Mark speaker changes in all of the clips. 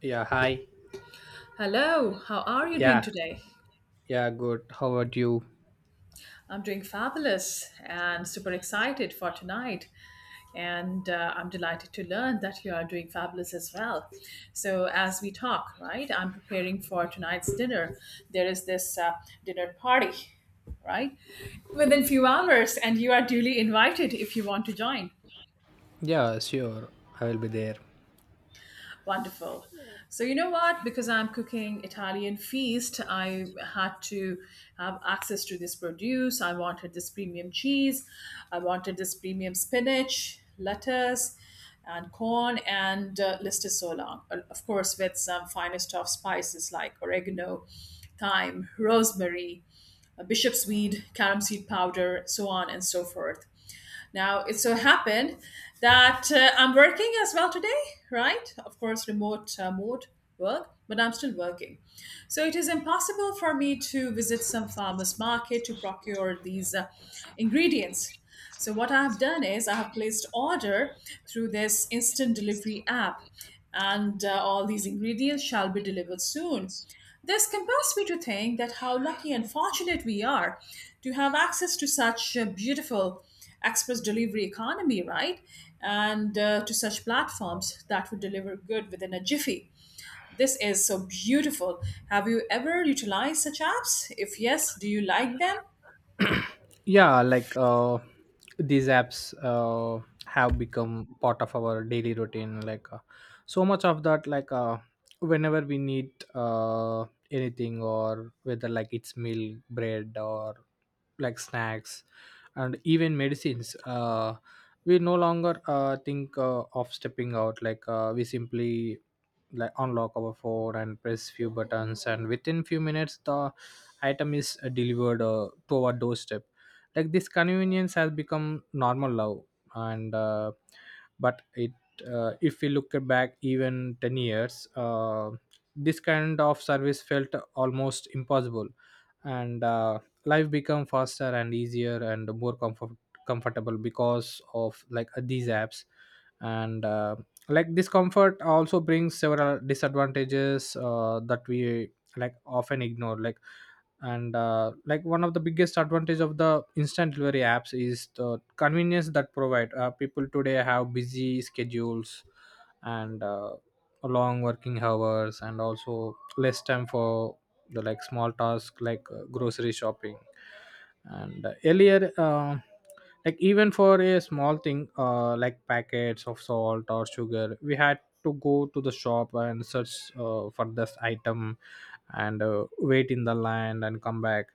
Speaker 1: Yeah, hi.
Speaker 2: Hello, how are you doing
Speaker 1: Yeah,
Speaker 2: today?
Speaker 1: yeah, good. How about you?
Speaker 2: I'm doing fabulous and super excited for tonight. And I'm delighted to learn that you are doing fabulous as well. So, as we talk, right, I'm preparing for tonight's dinner. There is this dinner party, right, within few hours, and you are duly invited if you want to join.
Speaker 1: Yeah, sure. I will be there.
Speaker 2: Wonderful. So you know what? Because I'm cooking Italian feast, I had to have access to this produce. I wanted this premium cheese. I wanted this premium spinach, lettuce, and corn, and list is so long. Of course, with some finest of spices like oregano, thyme, rosemary, bishop's weed, carom seed powder, so on and so forth. Now, it so happened that I'm working as well today, right? Of course, remote mode work, but I'm still working. So it is impossible for me to visit some farmer's market to procure these ingredients. So what I have done is I have placed order through this instant delivery app and all these ingredients shall be delivered soon. This compels me to think that how lucky and fortunate we are to have access to such a beautiful express delivery economy, right? And to such platforms that would deliver good within a jiffy. This is so beautiful. Have you ever utilized such apps? If yes, do you like them?
Speaker 1: Yeah, like these apps have become part of our daily routine, like so much of that, like whenever we need anything, or whether like it's milk, bread or like snacks and even medicines. We no longer think, of stepping out. Like we simply like unlock our phone and press few buttons, and within few minutes the item is delivered to our doorstep. Like this convenience has become normal now, and but it if we look back even 10 years, this kind of service felt almost impossible. And life become faster and easier and more comfortable because of, like these apps. And like this comfort also brings several disadvantages that we like often ignore, like, and like one of the biggest advantage of the instant delivery apps is the convenience that provide. People today have busy schedules and long working hours, and also less time for the like small tasks, like grocery shopping. And earlier, like even for a small thing, like packets of salt or sugar, we had to go to the shop and search for this item, and wait in the line and come back.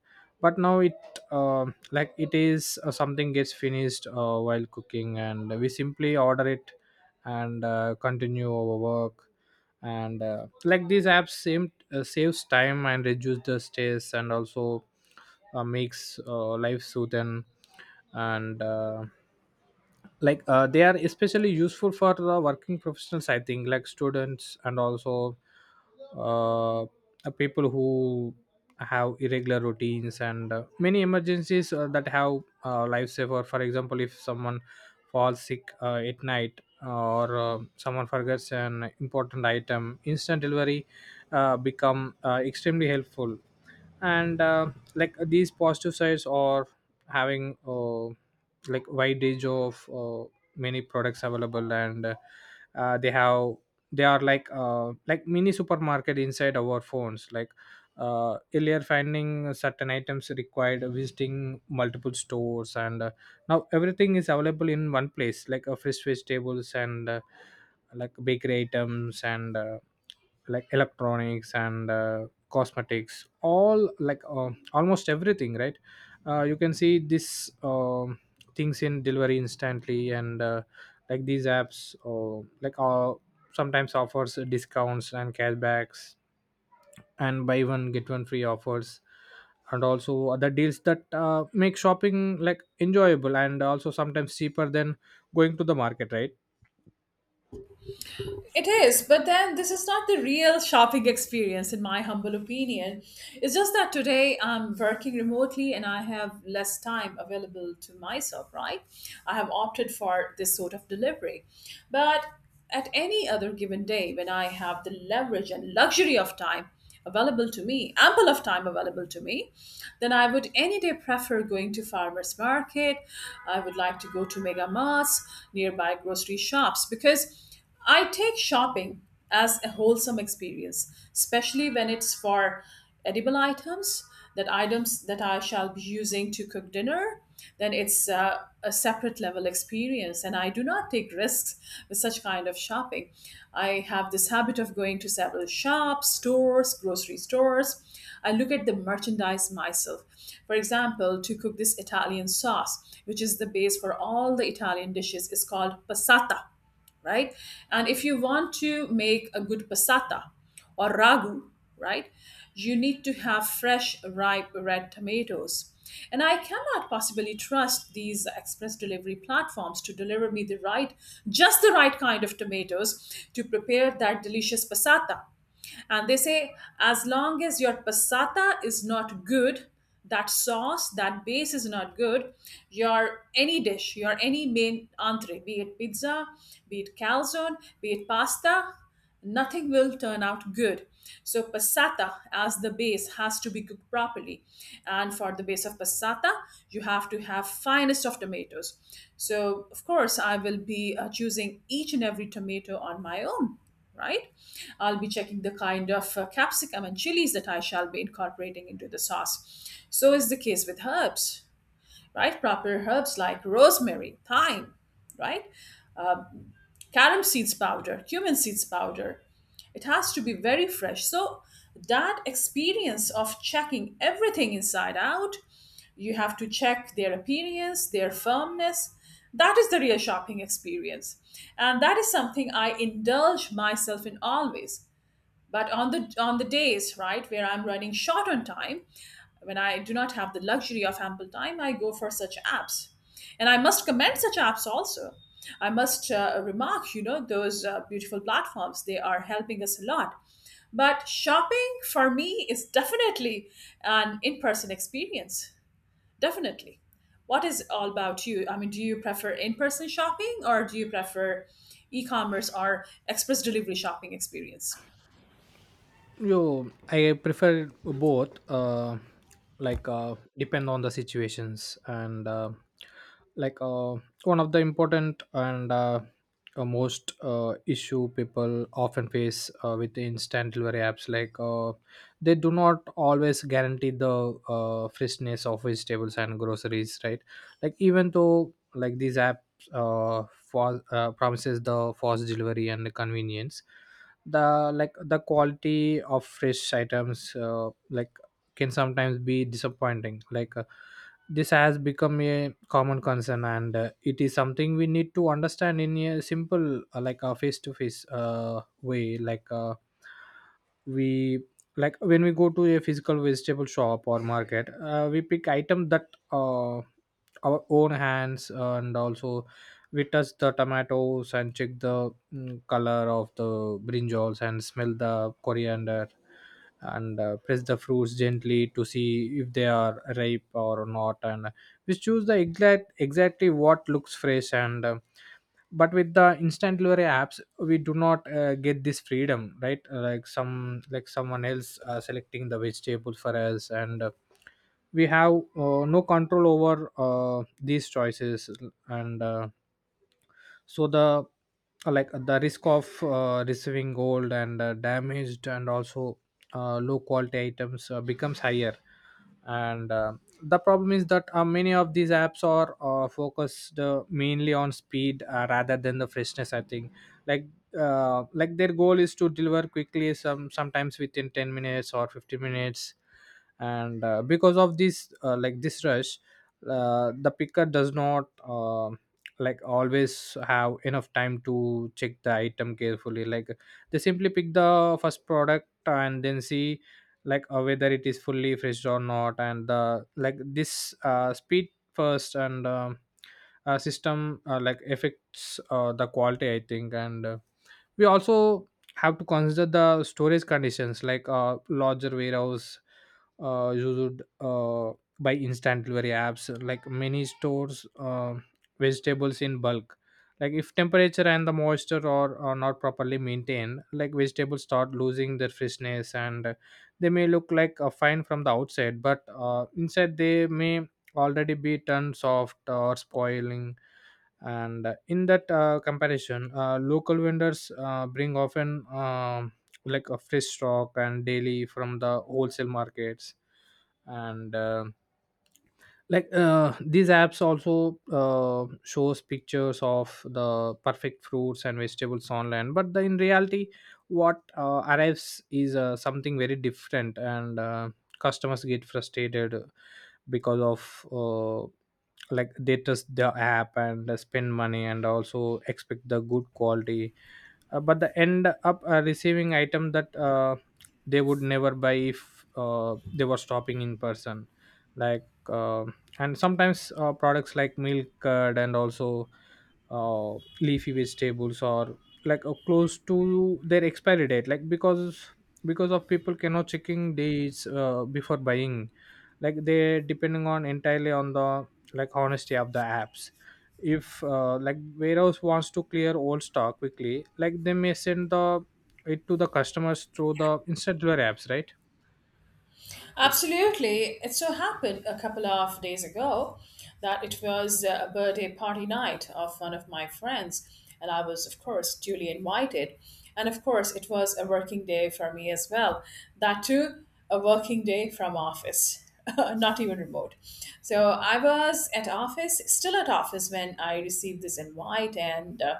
Speaker 1: But now it, uh, like it is something gets finished while cooking, and we simply order it and continue our work. And like these apps same saves time and reduce the stress, and also makes life smoothen. And like they are especially useful for the working professionals, I think, like students, and also uh, people who have irregular routines, and many emergencies that have lifesaver. For example, if someone falls sick at night, or someone forgets an important item, instant delivery become extremely helpful. And like these positive sides are having like wide range of many products available, and uh, they have they are like mini supermarket inside our phones. Like earlier finding certain items required visiting multiple stores, and now everything is available in one place, like fresh vegetables, and like bakery items, and like electronics and cosmetics, all like almost everything, right? You can see this things in delivery instantly, and like these apps, like, sometimes offers discounts and cashbacks and buy one get one free offers, and also other deals that make shopping like enjoyable, and also sometimes cheaper than going to the market, right?
Speaker 2: It is, but then this is not the real shopping experience, in my humble opinion. It's just that today I'm working remotely and I have less time available to myself, right? I have opted for this sort of delivery. But at any other given day, when I have the leverage and luxury of time available to me, ample of time available to me, then I would any day prefer going to farmers market. I would like to go to mega marts, nearby grocery shops, because I take shopping as a wholesome experience, especially when it's for edible items that I shall be using to cook dinner. Then it's a separate level experience, and I do not take risks with such kind of shopping. I have this habit of going to several shops, stores, grocery stores. I look at the merchandise myself. For example, to cook this Italian sauce, which is the base for all the Italian dishes, is called passata, right? And if you want to make a good passata or ragu, right, you need to have fresh, ripe red tomatoes. And I cannot possibly trust these express delivery platforms to deliver me the right, just the right kind of tomatoes to prepare that delicious passata. And they say, as long as your passata is not good, that sauce, that base is not good, your any dish, your any main entree, be it pizza, be it calzone, be it pasta, nothing will turn out good. So passata as the base has to be cooked properly. And for the base of passata, you have to have finest of tomatoes. So of course, I will be choosing each and every tomato on my own, right? I'll be checking the kind of capsicum and chilies that I shall be incorporating into the sauce. So is the case with herbs, right? Proper herbs like rosemary, thyme, right? Carom seeds powder, cumin seeds powder. It has to be very fresh. So that experience of checking everything inside out, you have to check their appearance, their firmness. That is the real shopping experience. And that is something I indulge myself in always, but on the days right where I'm running short on time, when I do not have the luxury of ample time, I go for such apps. And I must commend such apps also. I must remark, you know, those beautiful platforms, they are helping us a lot. But shopping for me is definitely an in-person experience. Definitely. What is all about you? I mean, do you prefer in-person shopping, or do you prefer e-commerce or express delivery shopping experience?
Speaker 1: Yo, I prefer both. Like depend on the situations, and like one of the important and most issue people often face with the instant delivery apps, like they do not always guarantee the freshness of vegetables and groceries, right? Like even though, like these apps uh, promises the fast delivery and the convenience. The like the quality of fresh items, like, can sometimes be disappointing, like, this has become a common concern, and it is something we need to understand in a simple, like a face to face way. Like we like when we go to a physical vegetable shop or market, we pick item that our own hands, and also we touch the tomatoes and check the color of the brinjals, and smell the coriander, and press the fruits gently to see if they are ripe or not, and we choose the exactly what looks fresh, and but with the instant delivery apps we do not get this freedom, right? Like, some like someone else selecting the vegetables for us, and we have no control over these choices, and so the, like the risk of receiving gold and damaged, and also low quality items becomes higher. And the problem is that many of these apps are focused mainly on speed, rather than the freshness, I think. Like, like their goal is to deliver quickly, sometimes within 10 minutes or 15 minutes, and because of this, like this rush, the picker does not, like, always have enough time to check the item carefully, like they simply pick the first product and then see like whether it is fully fresh or not, and the like this speed first and system like affects the quality, I think, and we also have to consider the storage conditions, like larger warehouse used by instant delivery apps. Like many stores vegetables in bulk, like if temperature and the moisture are not properly maintained, like vegetables start losing their freshness, and they may look like fine from the outside, but inside they may already be turned soft or spoiling. And in that, comparison, local vendors bring often, like a fresh stock and daily from the wholesale markets, and like these apps also shows pictures of the perfect fruits and vegetables online, but in reality what arrives is something very different, and customers get frustrated because of, uh, like they trust the app and they spend money, and also expect the good quality, but they end up receiving item that they would never buy if they were stopping in person. Like, and sometimes products like milk curd and also uh, leafy vegetables are like close to their expiry date, like, because of people cannot checking dates before buying, like they depending on entirely on the like honesty of the apps. If, like warehouse wants to clear old stock quickly, like they may send the it to the customers through the instant delivery apps, right?
Speaker 2: Absolutely. It so happened a couple of days ago that it was a birthday party night of one of my friends, and I was, of course, duly invited. And of course, it was a working day for me as well. That too, a working day from office. not even remote. So I was at office, still at office when I received this invite, and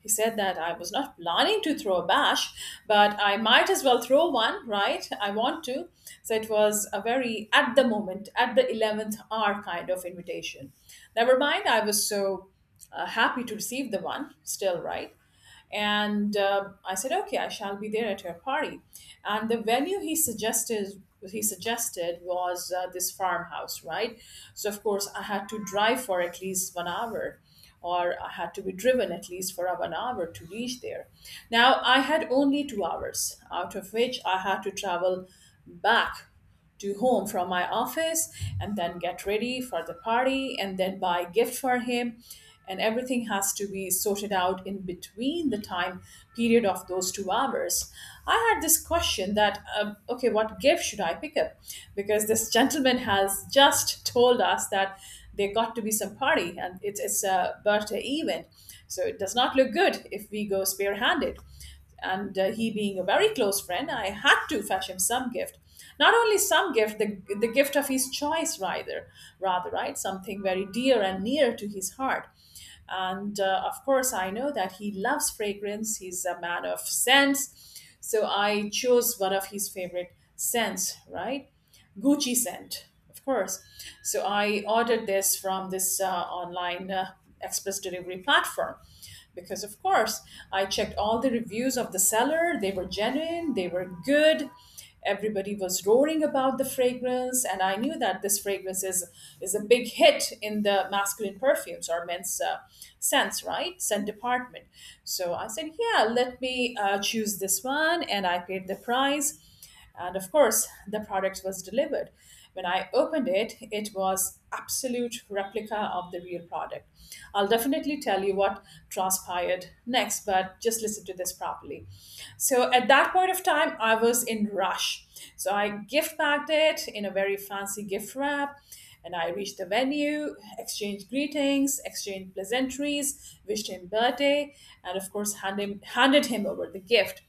Speaker 2: he said that I was not planning to throw a bash, but I might as well throw one, right? I want to. So it was a very at the moment, at the 11th hour kind of invitation. Never mind, I was so happy to receive the one, still, right? And I said, okay, I shall be there at your party. And the venue he suggested was this farmhouse, right? So of course I had to drive for at least 1 hour, or I had to be driven at least for 1 hour to reach there. Now I had only 2 hours, out of which I had to travel back to home from my office and then get ready for the party and then buy gift for him, and everything has to be sorted out in between the time period of those 2 hours. I had this question that okay, what gift should I pick up? Because this gentleman has just told us that there got to be some party and it's a birthday event. So it does not look good if we go spearhanded. And he being a very close friend, I had to fetch him some gift. Not only some gift, the gift of his choice, rather, right? Something very dear and near to his heart. And of course I know that he loves fragrance, he's a man of scents. So I chose one of his favorite scents, right? Gucci scent, of course. So I ordered this from this online express delivery platform because, of course, I checked all the reviews of the seller. They were genuine, they were good. Everybody was roaring about the fragrance, and I knew that this fragrance is a big hit in the masculine perfumes or men's scents, right? Scent department. So I said, yeah, let me choose this one, and I paid the price, and of course, the product was delivered. When I opened it, it was absolute replica of the real product. I'll definitely tell you what transpired next, but just listen to this properly. So at that point of time, I was in rush. So I gift bagged it in a very fancy gift wrap. And I reached the venue, exchanged greetings, exchanged pleasantries, wished him birthday, and of course handed him over the gift.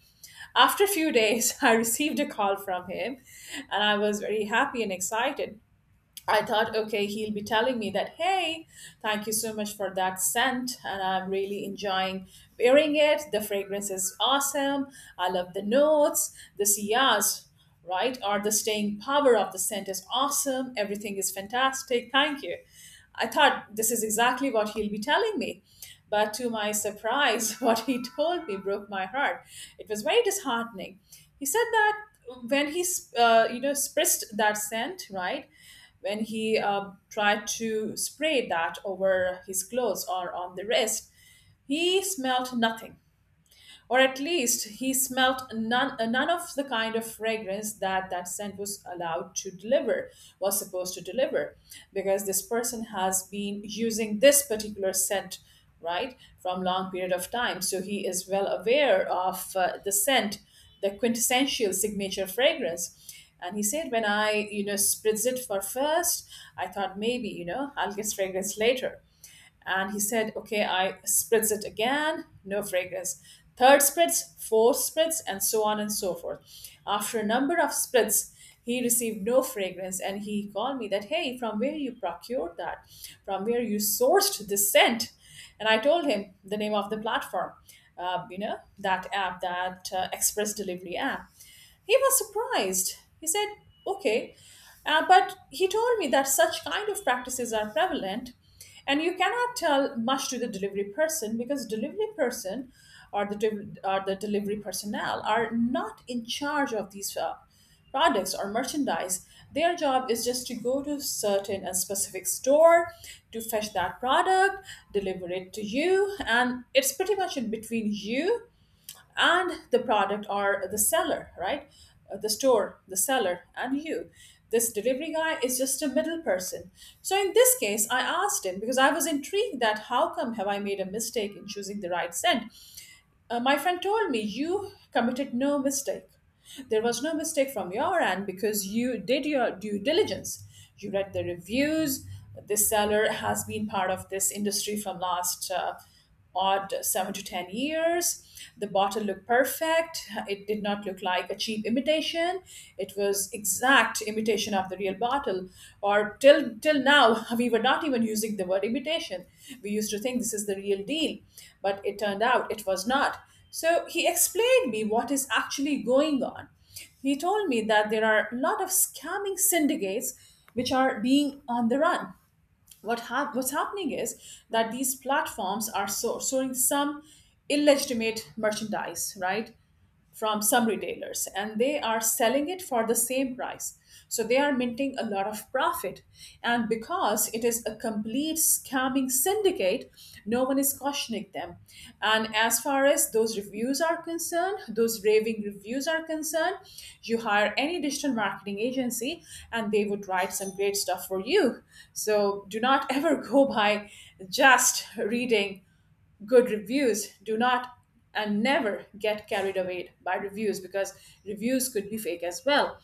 Speaker 2: After a few days, I received a call from him and I was very happy and excited. I thought, okay, he'll be telling me that, hey, thank you so much for that scent, and I'm really enjoying wearing it. The fragrance is awesome. I love the notes, the siyas, right? Or the staying power of the scent is awesome. Everything is fantastic. Thank you. I thought this is exactly what he'll be telling me. But to my surprise, what he told me broke my heart. It was very disheartening. He said that when he, you know, spritzed that scent, right? When he tried to spray that over his clothes or on the wrist, he smelt nothing, or at least he smelt none, none of the kind of fragrance that that scent was supposed to deliver. Because this person has been using this particular scent right from long period of time, so he is well aware of the scent, the quintessential signature fragrance. And he said, when I, you know, spritz it for first, I thought maybe, you know, I'll get fragrance later. And he said, okay, I spritz it again, no fragrance. Third spritz, fourth spritz, and so on and so forth. After a number of spritz, he received no fragrance and he called me that, hey, from where you procured that? From where you sourced this scent? And I told him the name of the platform, you know, that app, that express delivery app. He was surprised. He said, okay, but he told me that such kind of practices are prevalent, and you cannot tell much to the delivery person, because delivery person or the delivery personnel are not in charge of these products or merchandise. Their job is just to go to certain and specific store to fetch that product, deliver it to you, and it's pretty much in between you and the product or the seller, right? The store, the seller, and you. This delivery guy is just a middle person. So in this case, I asked him because I was intrigued that how come have I made a mistake in choosing the right scent? My friend told me you committed no mistake. There was no mistake from your end because you did your due diligence. You read the reviews. This seller has been part of this industry from last odd 7 to 10 years. The bottle looked perfect. It did not look like a cheap imitation, it was exact imitation of the real bottle. Or till now we were not even using the word imitation, we used to think this is the real deal, but it turned out it was not. So he explained me what is actually going on. He told me that there are a lot of scamming syndicates which are being on the run. What's happening is that these platforms are showing some illegitimate merchandise, right, from some retailers and they are selling it for the same price. So they are minting a lot of profit. And because it is a complete scamming syndicate, no one is cautioning them. And as far as those reviews are concerned, those raving reviews are concerned, you hire any digital marketing agency and they would write some great stuff for you. So do not ever go by just reading good reviews, do not, and never get carried away by reviews because reviews could be fake as well.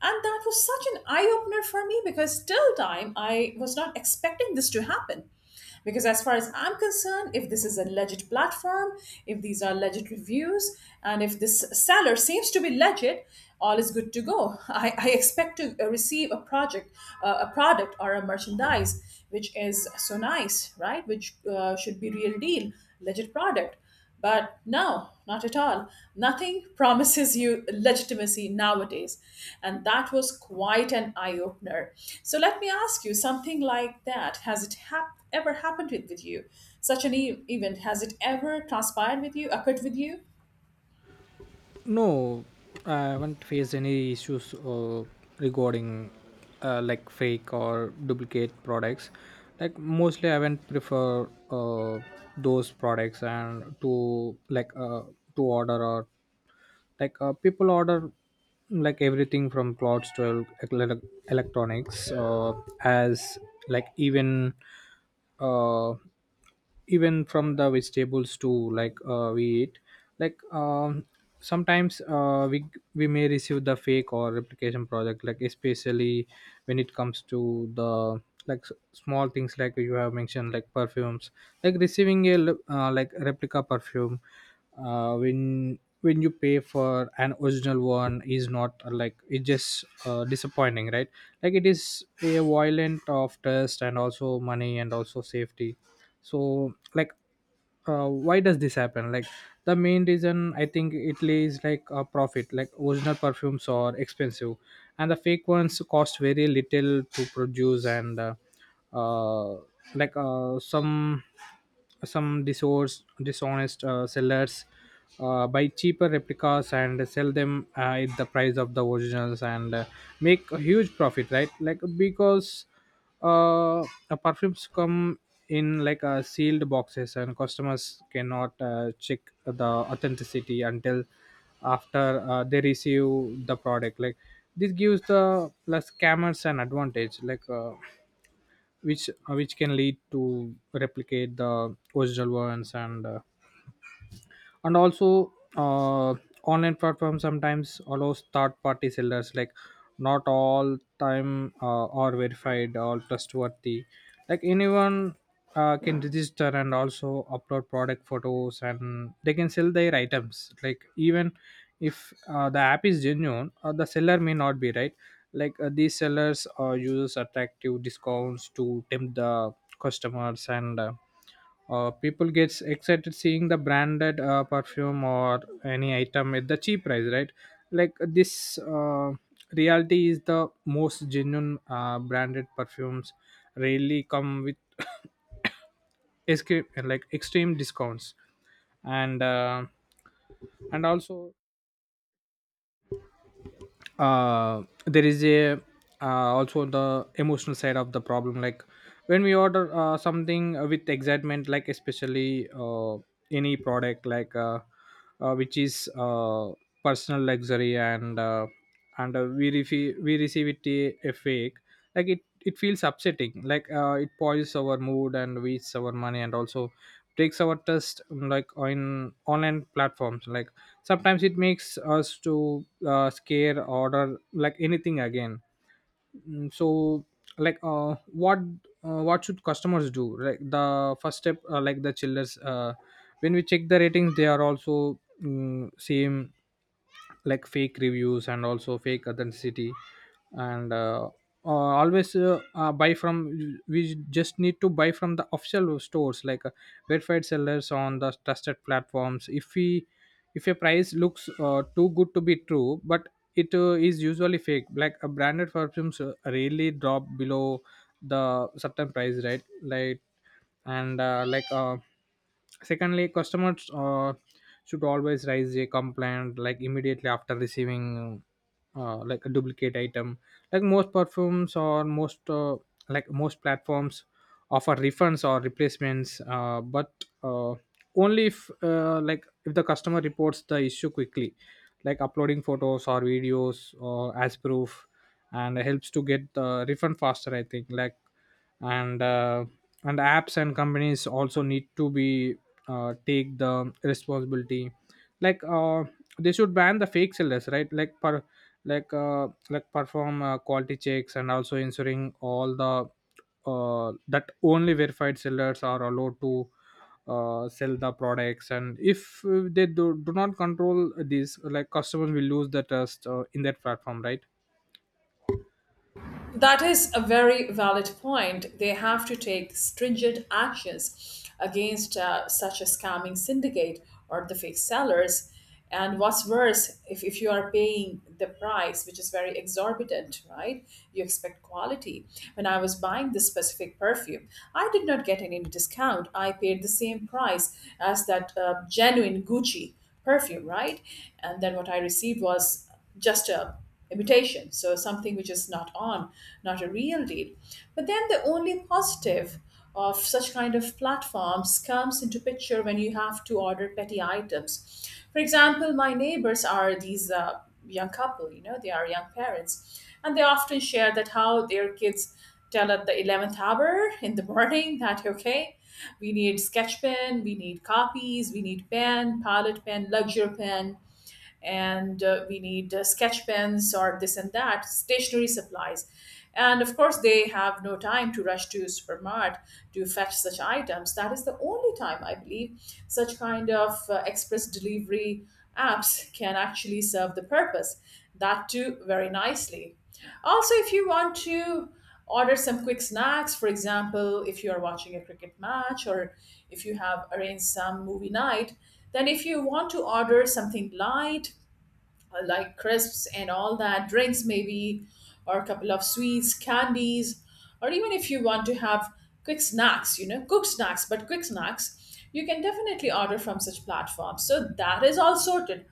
Speaker 2: And that was such an eye opener for me because till time I was not expecting this to happen, because as far as I'm concerned, if this is a legit platform, if these are legit reviews, and if this seller seems to be legit, all is good to go. I expect to receive a project, a product, or a merchandise which is so nice, right? Which should be real deal, legit product. But no, not at all. Nothing promises you legitimacy nowadays. And that was quite an eye opener. So let me ask you something like that. Has it ever happened with you? Such an event, has it ever transpired with you, occurred with you?
Speaker 1: No, I haven't faced any issues regarding, like, fake or duplicate products. Like mostly, I haven't prefer those products and to, like, to order or, like, people order like everything from clothes to electronics, as, like even uh, even from the vegetables too, like we eat like, sometimes we may receive the fake or replication product. Like especially when it comes to the like small things like you have mentioned, like perfumes. Like receiving a like replica perfume, when you pay for an original one is not, like, it's just disappointing, right? Like it is a violent of test, and also money, and also safety. So like, why does this happen? Like the main reason, I think, italy is like a profit. Like original perfumes are expensive, and the fake ones cost very little to produce, and uh, like, some disorders, dishonest sellers buy cheaper replicas and sell them at the price of the originals, and make a huge profit, right? Like because the perfumes come in like sealed boxes, and customers cannot check the authenticity until after they receive the product. Like this gives the plus scammers an advantage, like, which can lead to replicate the original ones, and and also online platforms sometimes allows third party sellers, like not all time are verified or trustworthy. Like anyone can register and also upload product photos, and they can sell their items, like even if the app is genuine, the seller may not be, right? Like these sellers uses attractive discounts to tempt the customers, and people gets excited seeing the branded perfume or any item at the cheap price, right? Like this reality is the most genuine branded perfumes rarely come with escape like extreme discounts and uh, and also there is a also the emotional side of the problem, like when we order something with excitement, like especially any product, like which is personal luxury and we receive it a fake. Like it feels upsetting, like it spoils our mood and wastes our money and also takes our trust like on online platforms. Like sometimes it makes us to scare order like anything again. So like what should customers do? Like the first step, like the chillers, when we check the ratings they are also same, like fake reviews and also fake authenticity. And always buy from we just need to buy from the official stores, like verified sellers on the trusted platforms. If we, if a price looks too good to be true, but it is usually fake, like a branded perfumes rarely drop below the certain price, right? like and like Secondly, customers should always raise a complaint, like immediately after receiving like a duplicate item. Like most perfumes or most platforms offer refunds or replacements, but uh, only if, like if the customer reports the issue quickly, like uploading photos or videos or as proof, and helps to get the refund faster, I think. Like and uh, and apps and companies also need to be, take the responsibility. Like they should ban the fake sellers, right? Like perform quality checks and also ensuring all the, that only verified sellers are allowed to sell the products. And if they do, do not control this, like customers will lose the trust in that platform, right?
Speaker 2: That is a very valid point. They have to take stringent actions against such a scamming syndicate or the fake sellers. And what's worse, if you are paying the price, which is very exorbitant, right? You expect quality. When I was buying this specific perfume, I did not get any discount. I paid the same price as that genuine Gucci perfume, right? And then what I received was just a imitation. So something which is not on, not a real deal. But then the only positive of such kind of platforms comes into picture when you have to order petty items. For example, my neighbors are these young couple, you know, they are young parents, and they often share that how their kids tell at the 11th hour in the morning that, okay, we need sketch pen, we need copies, we need pen, pilot pen, luxury pen, and we need sketch pens or this and that stationery supplies. And of course they have no time to rush to supermart to fetch such items. That is the only time I believe such kind of express delivery apps can actually serve the purpose, that too very nicely. Also, if you want to order some quick snacks, for example, if you are watching a cricket match or if you have arranged some movie night, then if you want to order something light, like crisps and all that, drinks maybe, or a couple of sweets, candies, or even if you want to have quick snacks, you know, cooked snacks, but quick snacks, you can definitely order from such platforms. So that is all sorted.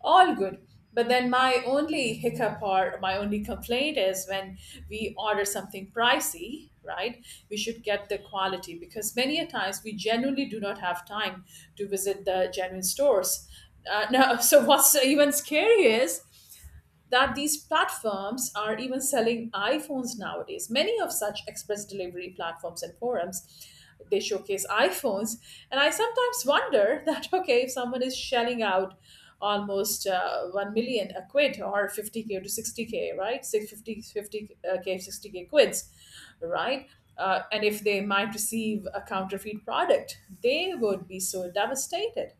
Speaker 2: All good. But then my only hiccup or my only complaint is when we order something pricey, right? We should get the quality because many a times we genuinely do not have time to visit the genuine stores. Now, so what's even scary is that these platforms are even selling iPhones nowadays. Many of such express delivery platforms and forums, they showcase iPhones, and I sometimes wonder that okay, if someone is shelling out almost 1 million a quid or 50K to 60K, right, 650, 50K, 60K quids, right, and if they might receive a counterfeit product, they would be so devastated,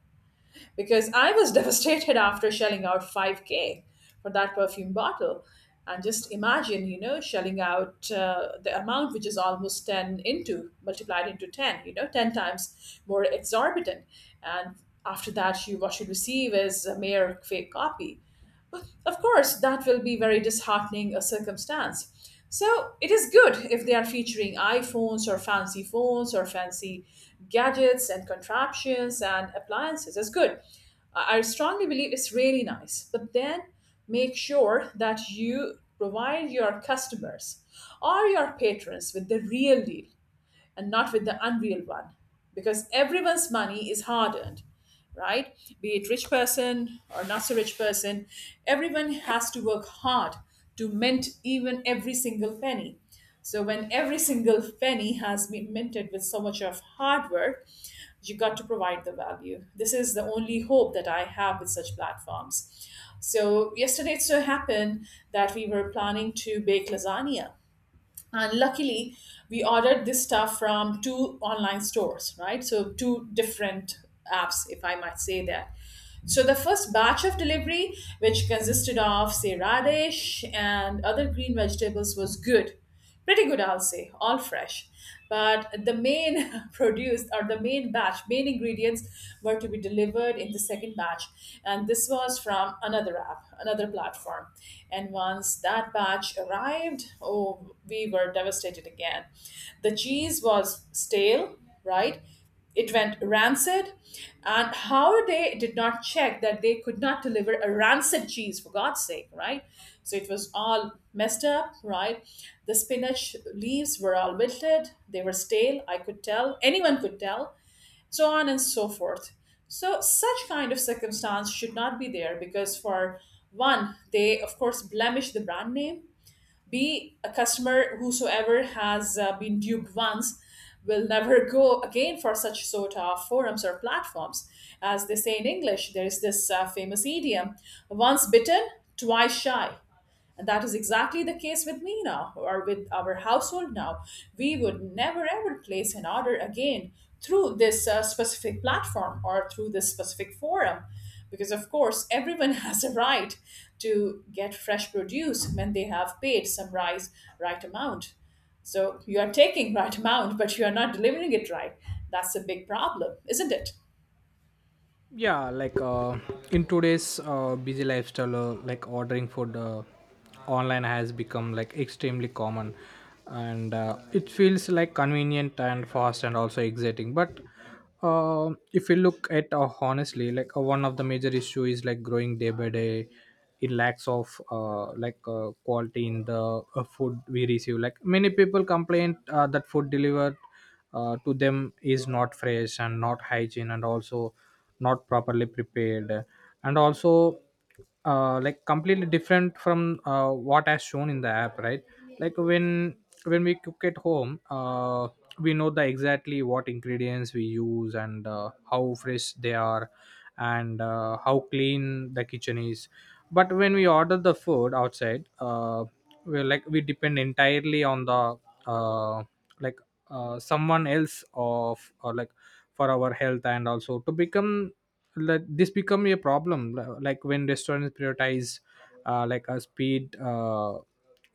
Speaker 2: because I was devastated after shelling out 5K for that perfume bottle. And just imagine, you know, shelling out the amount which is almost 10 into, multiplied into 10, you know, 10 times more exorbitant. And after that, you, what you receive is a mere fake copy. Of course, that will be very disheartening a circumstance. So it is good if they are featuring iPhones or fancy phones or fancy gadgets and contraptions and appliances. It's good. I strongly believe it's really nice. But then make sure that you provide your customers or your patrons with the real deal and not with the unreal one, because everyone's money is hard earned, right, be it rich person or not so rich person, everyone has to work hard to mint even every single penny. So when every single penny has been minted with so much of hard work, you got to provide the value. This is the only hope that I have with such platforms. So yesterday it so happened that we were planning to bake lasagna, and luckily we ordered this stuff from two online stores, right, so two different apps, if I might say that. So the first batch of delivery, which consisted of say radish and other green vegetables, was good, pretty good I'll say, all fresh. But the main produced, or the main batch, main ingredients were to be delivered in the second batch. And this was from another app, another platform. And once that batch arrived, oh, we were devastated again. The cheese was stale, right? It went rancid. And how they did not check that, they could not deliver a rancid cheese for god's sake, right? So it was all messed up, right? The spinach leaves were all wilted, they were stale, I could tell, anyone could tell. So on and so forth. So such kind of circumstance should not be there, because for one they of course blemish the brand name. Be a customer whosoever has been duped once will never go again for such sort of forums or platforms. As they say in English, there is this famous idiom, once bitten, twice shy. And that is exactly the case with me now, or with our household now. We would never ever place an order again through this specific platform or through this specific forum. Because, of course, everyone has a right to get fresh produce when they have paid some rice right amount. So you are taking right amount, but you are not delivering it right. That's a big problem, isn't it?
Speaker 1: Yeah, like in today's busy lifestyle, like ordering food online has become like extremely common, and it feels like convenient and fast and also exciting. But if you look at honestly, like one of the major issue is like growing day by day. It lacks of, quality in the food we receive. Like many people complain that food delivered to them is not fresh and not hygiene and also not properly prepared, and also like completely different from what as shown in the app, right? Like when we cook at home, we know the exactly what ingredients we use, and how fresh they are, and how clean the kitchen is. But when we order the food outside, we depend entirely on the uh, like someone else of, or like for our health, and also to become, like this become a problem. Like when restaurants prioritize like a speed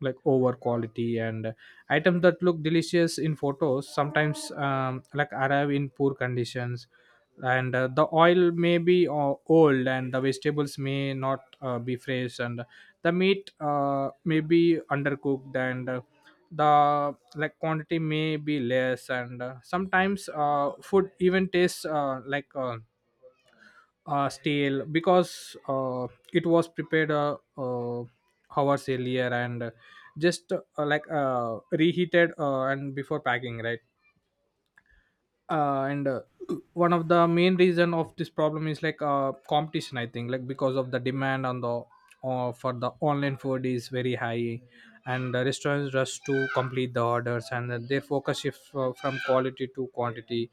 Speaker 1: like over quality, and items that look delicious in photos sometimes like arrive in poor conditions. And the oil may be old, and the vegetables may not be fresh, and the meat may be undercooked, and the like quantity may be less, and sometimes food even tastes stale because it was prepared hours earlier and just reheated and before packing, right? And One of the main reason of this problem is like competition, I think, like because of the demand on the, for the online food is very high, and the restaurants rush to complete the orders, and then they focus shift from quality to quantity.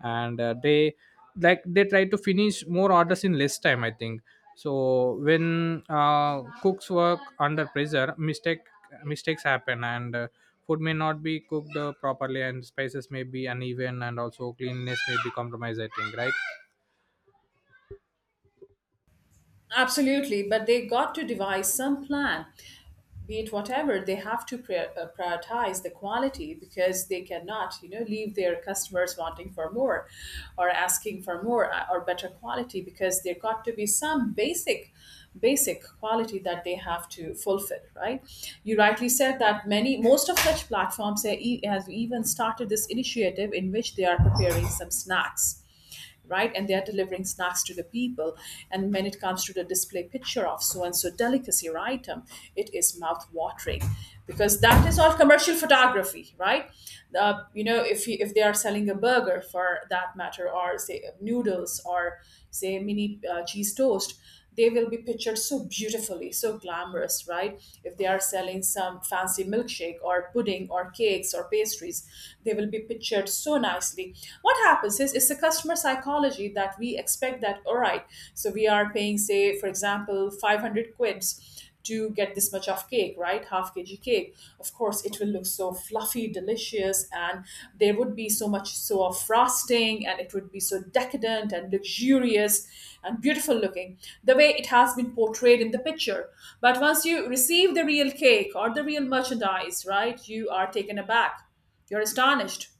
Speaker 1: And they, like they try to finish more orders in less time, I think. So when cooks work under pressure, mistakes happen, and food may not be cooked properly, and spices may be uneven, and also cleanliness may be compromised, I think, right?
Speaker 2: Absolutely, but they got to devise some plan. Be it whatever, they have to prioritize the quality, because they cannot, you know, leave their customers wanting for more or asking for more or better quality, because there got to be some basic quality that they have to fulfill, right? You rightly said that many, most of such platforms have have even started this initiative in which they are preparing some snacks, right? And they're delivering snacks to the people. And when it comes to the display picture of so and so delicacy or item, it is mouth watering because that is all commercial photography, right? You know, if you, if they are selling a burger for that matter, or say noodles, or say mini cheese toast, they will be pictured so beautifully, so glamorous, right? If they are selling some fancy milkshake or pudding or cakes or pastries, they will be pictured so nicely. What happens is it's the customer psychology that we expect that, all right, so we are paying, say, for example, 500 quids to get this much of cake, right? Half kg cake. Of course, it will look so fluffy, delicious, and there would be so much so of frosting, and it would be so decadent and luxurious and beautiful looking the way it has been portrayed in the picture. But once you receive the real cake or the real merchandise, right, you are taken aback. You're astonished,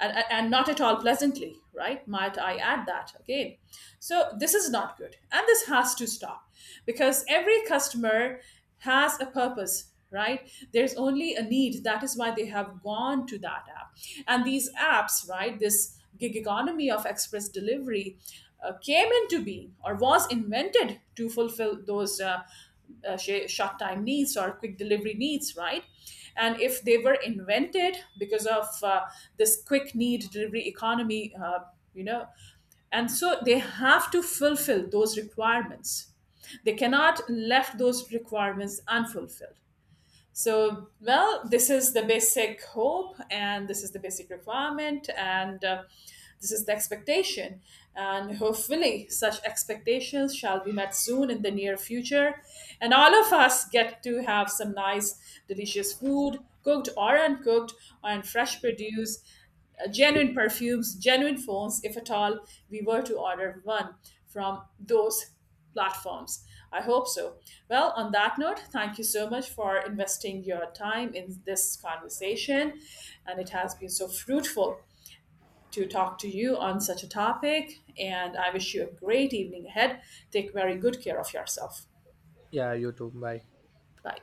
Speaker 2: and not at all pleasantly, right? Might I add that again? So this is not good. And this has to stop, because every customer has a purpose, right, there's only a need, that is why they have gone to that app. And these apps, right, this gig economy of express delivery came into being or was invented to fulfill those short time needs or quick delivery needs, right? And if they were invented because of this quick need delivery economy, you know, and so they have to fulfill those requirements, they cannot left those requirements unfulfilled. So, well, this is the basic hope, and this is the basic requirement, and this is the expectation. And hopefully, such expectations shall be met soon in the near future. And all of us get to have some nice, delicious food, cooked or uncooked, and fresh produce, genuine perfumes, genuine phones, if at all we were to order one from those platforms. I hope so. Well, on that note, thank you so much for investing your time in this conversation. And it has been so fruitful to talk to you on such a topic. And I wish you a great evening ahead. Take very good care of yourself.
Speaker 1: Yeah, you too. Bye.
Speaker 2: Bye.